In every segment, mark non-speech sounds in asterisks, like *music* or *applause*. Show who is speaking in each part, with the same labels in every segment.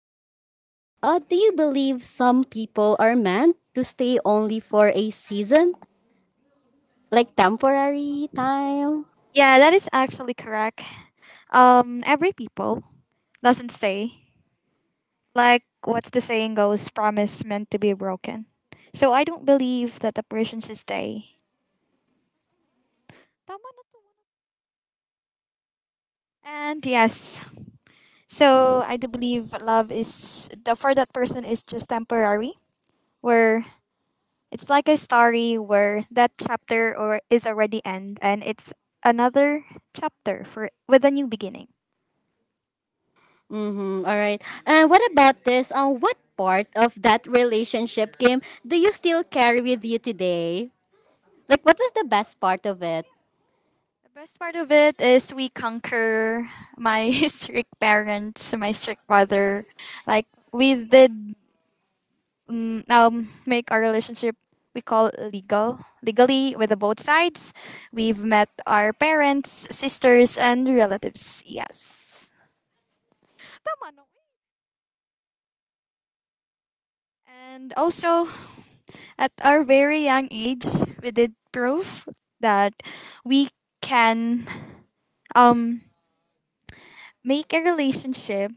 Speaker 1: a reason, do you believe some people are meant to stay only for a season, like temporary time?
Speaker 2: Yeah, that is actually correct. Every people doesn't stay. Like what's the saying goes, promise meant to be broken. So I don't believe that a person should stay. Tama na to. And yes, so I do believe love is the for that person is just temporary, where it's like a story where that chapter or is already end and it's another chapter for with a new beginning.
Speaker 1: Mm-hmm. All right. And what about this? What part of that relationship, Kim, do you still carry with you today? Like, what was the best part of it?
Speaker 2: The best part of it is we conquer my *laughs* strict parents, my strict father. Like we did make our relationship we call legal legally with the both sides. We've met our parents, sisters, and relatives. Yes. Tama, no? And also at our very young age, we did prove that we can um make a relationship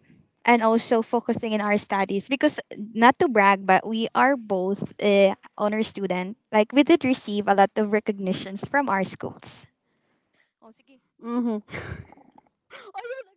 Speaker 2: and also focusing in our studies because not to brag but we are both honor student like we did receive a lot of recognitions from our schools. Oh, sige.
Speaker 1: Mm-hmm. *laughs*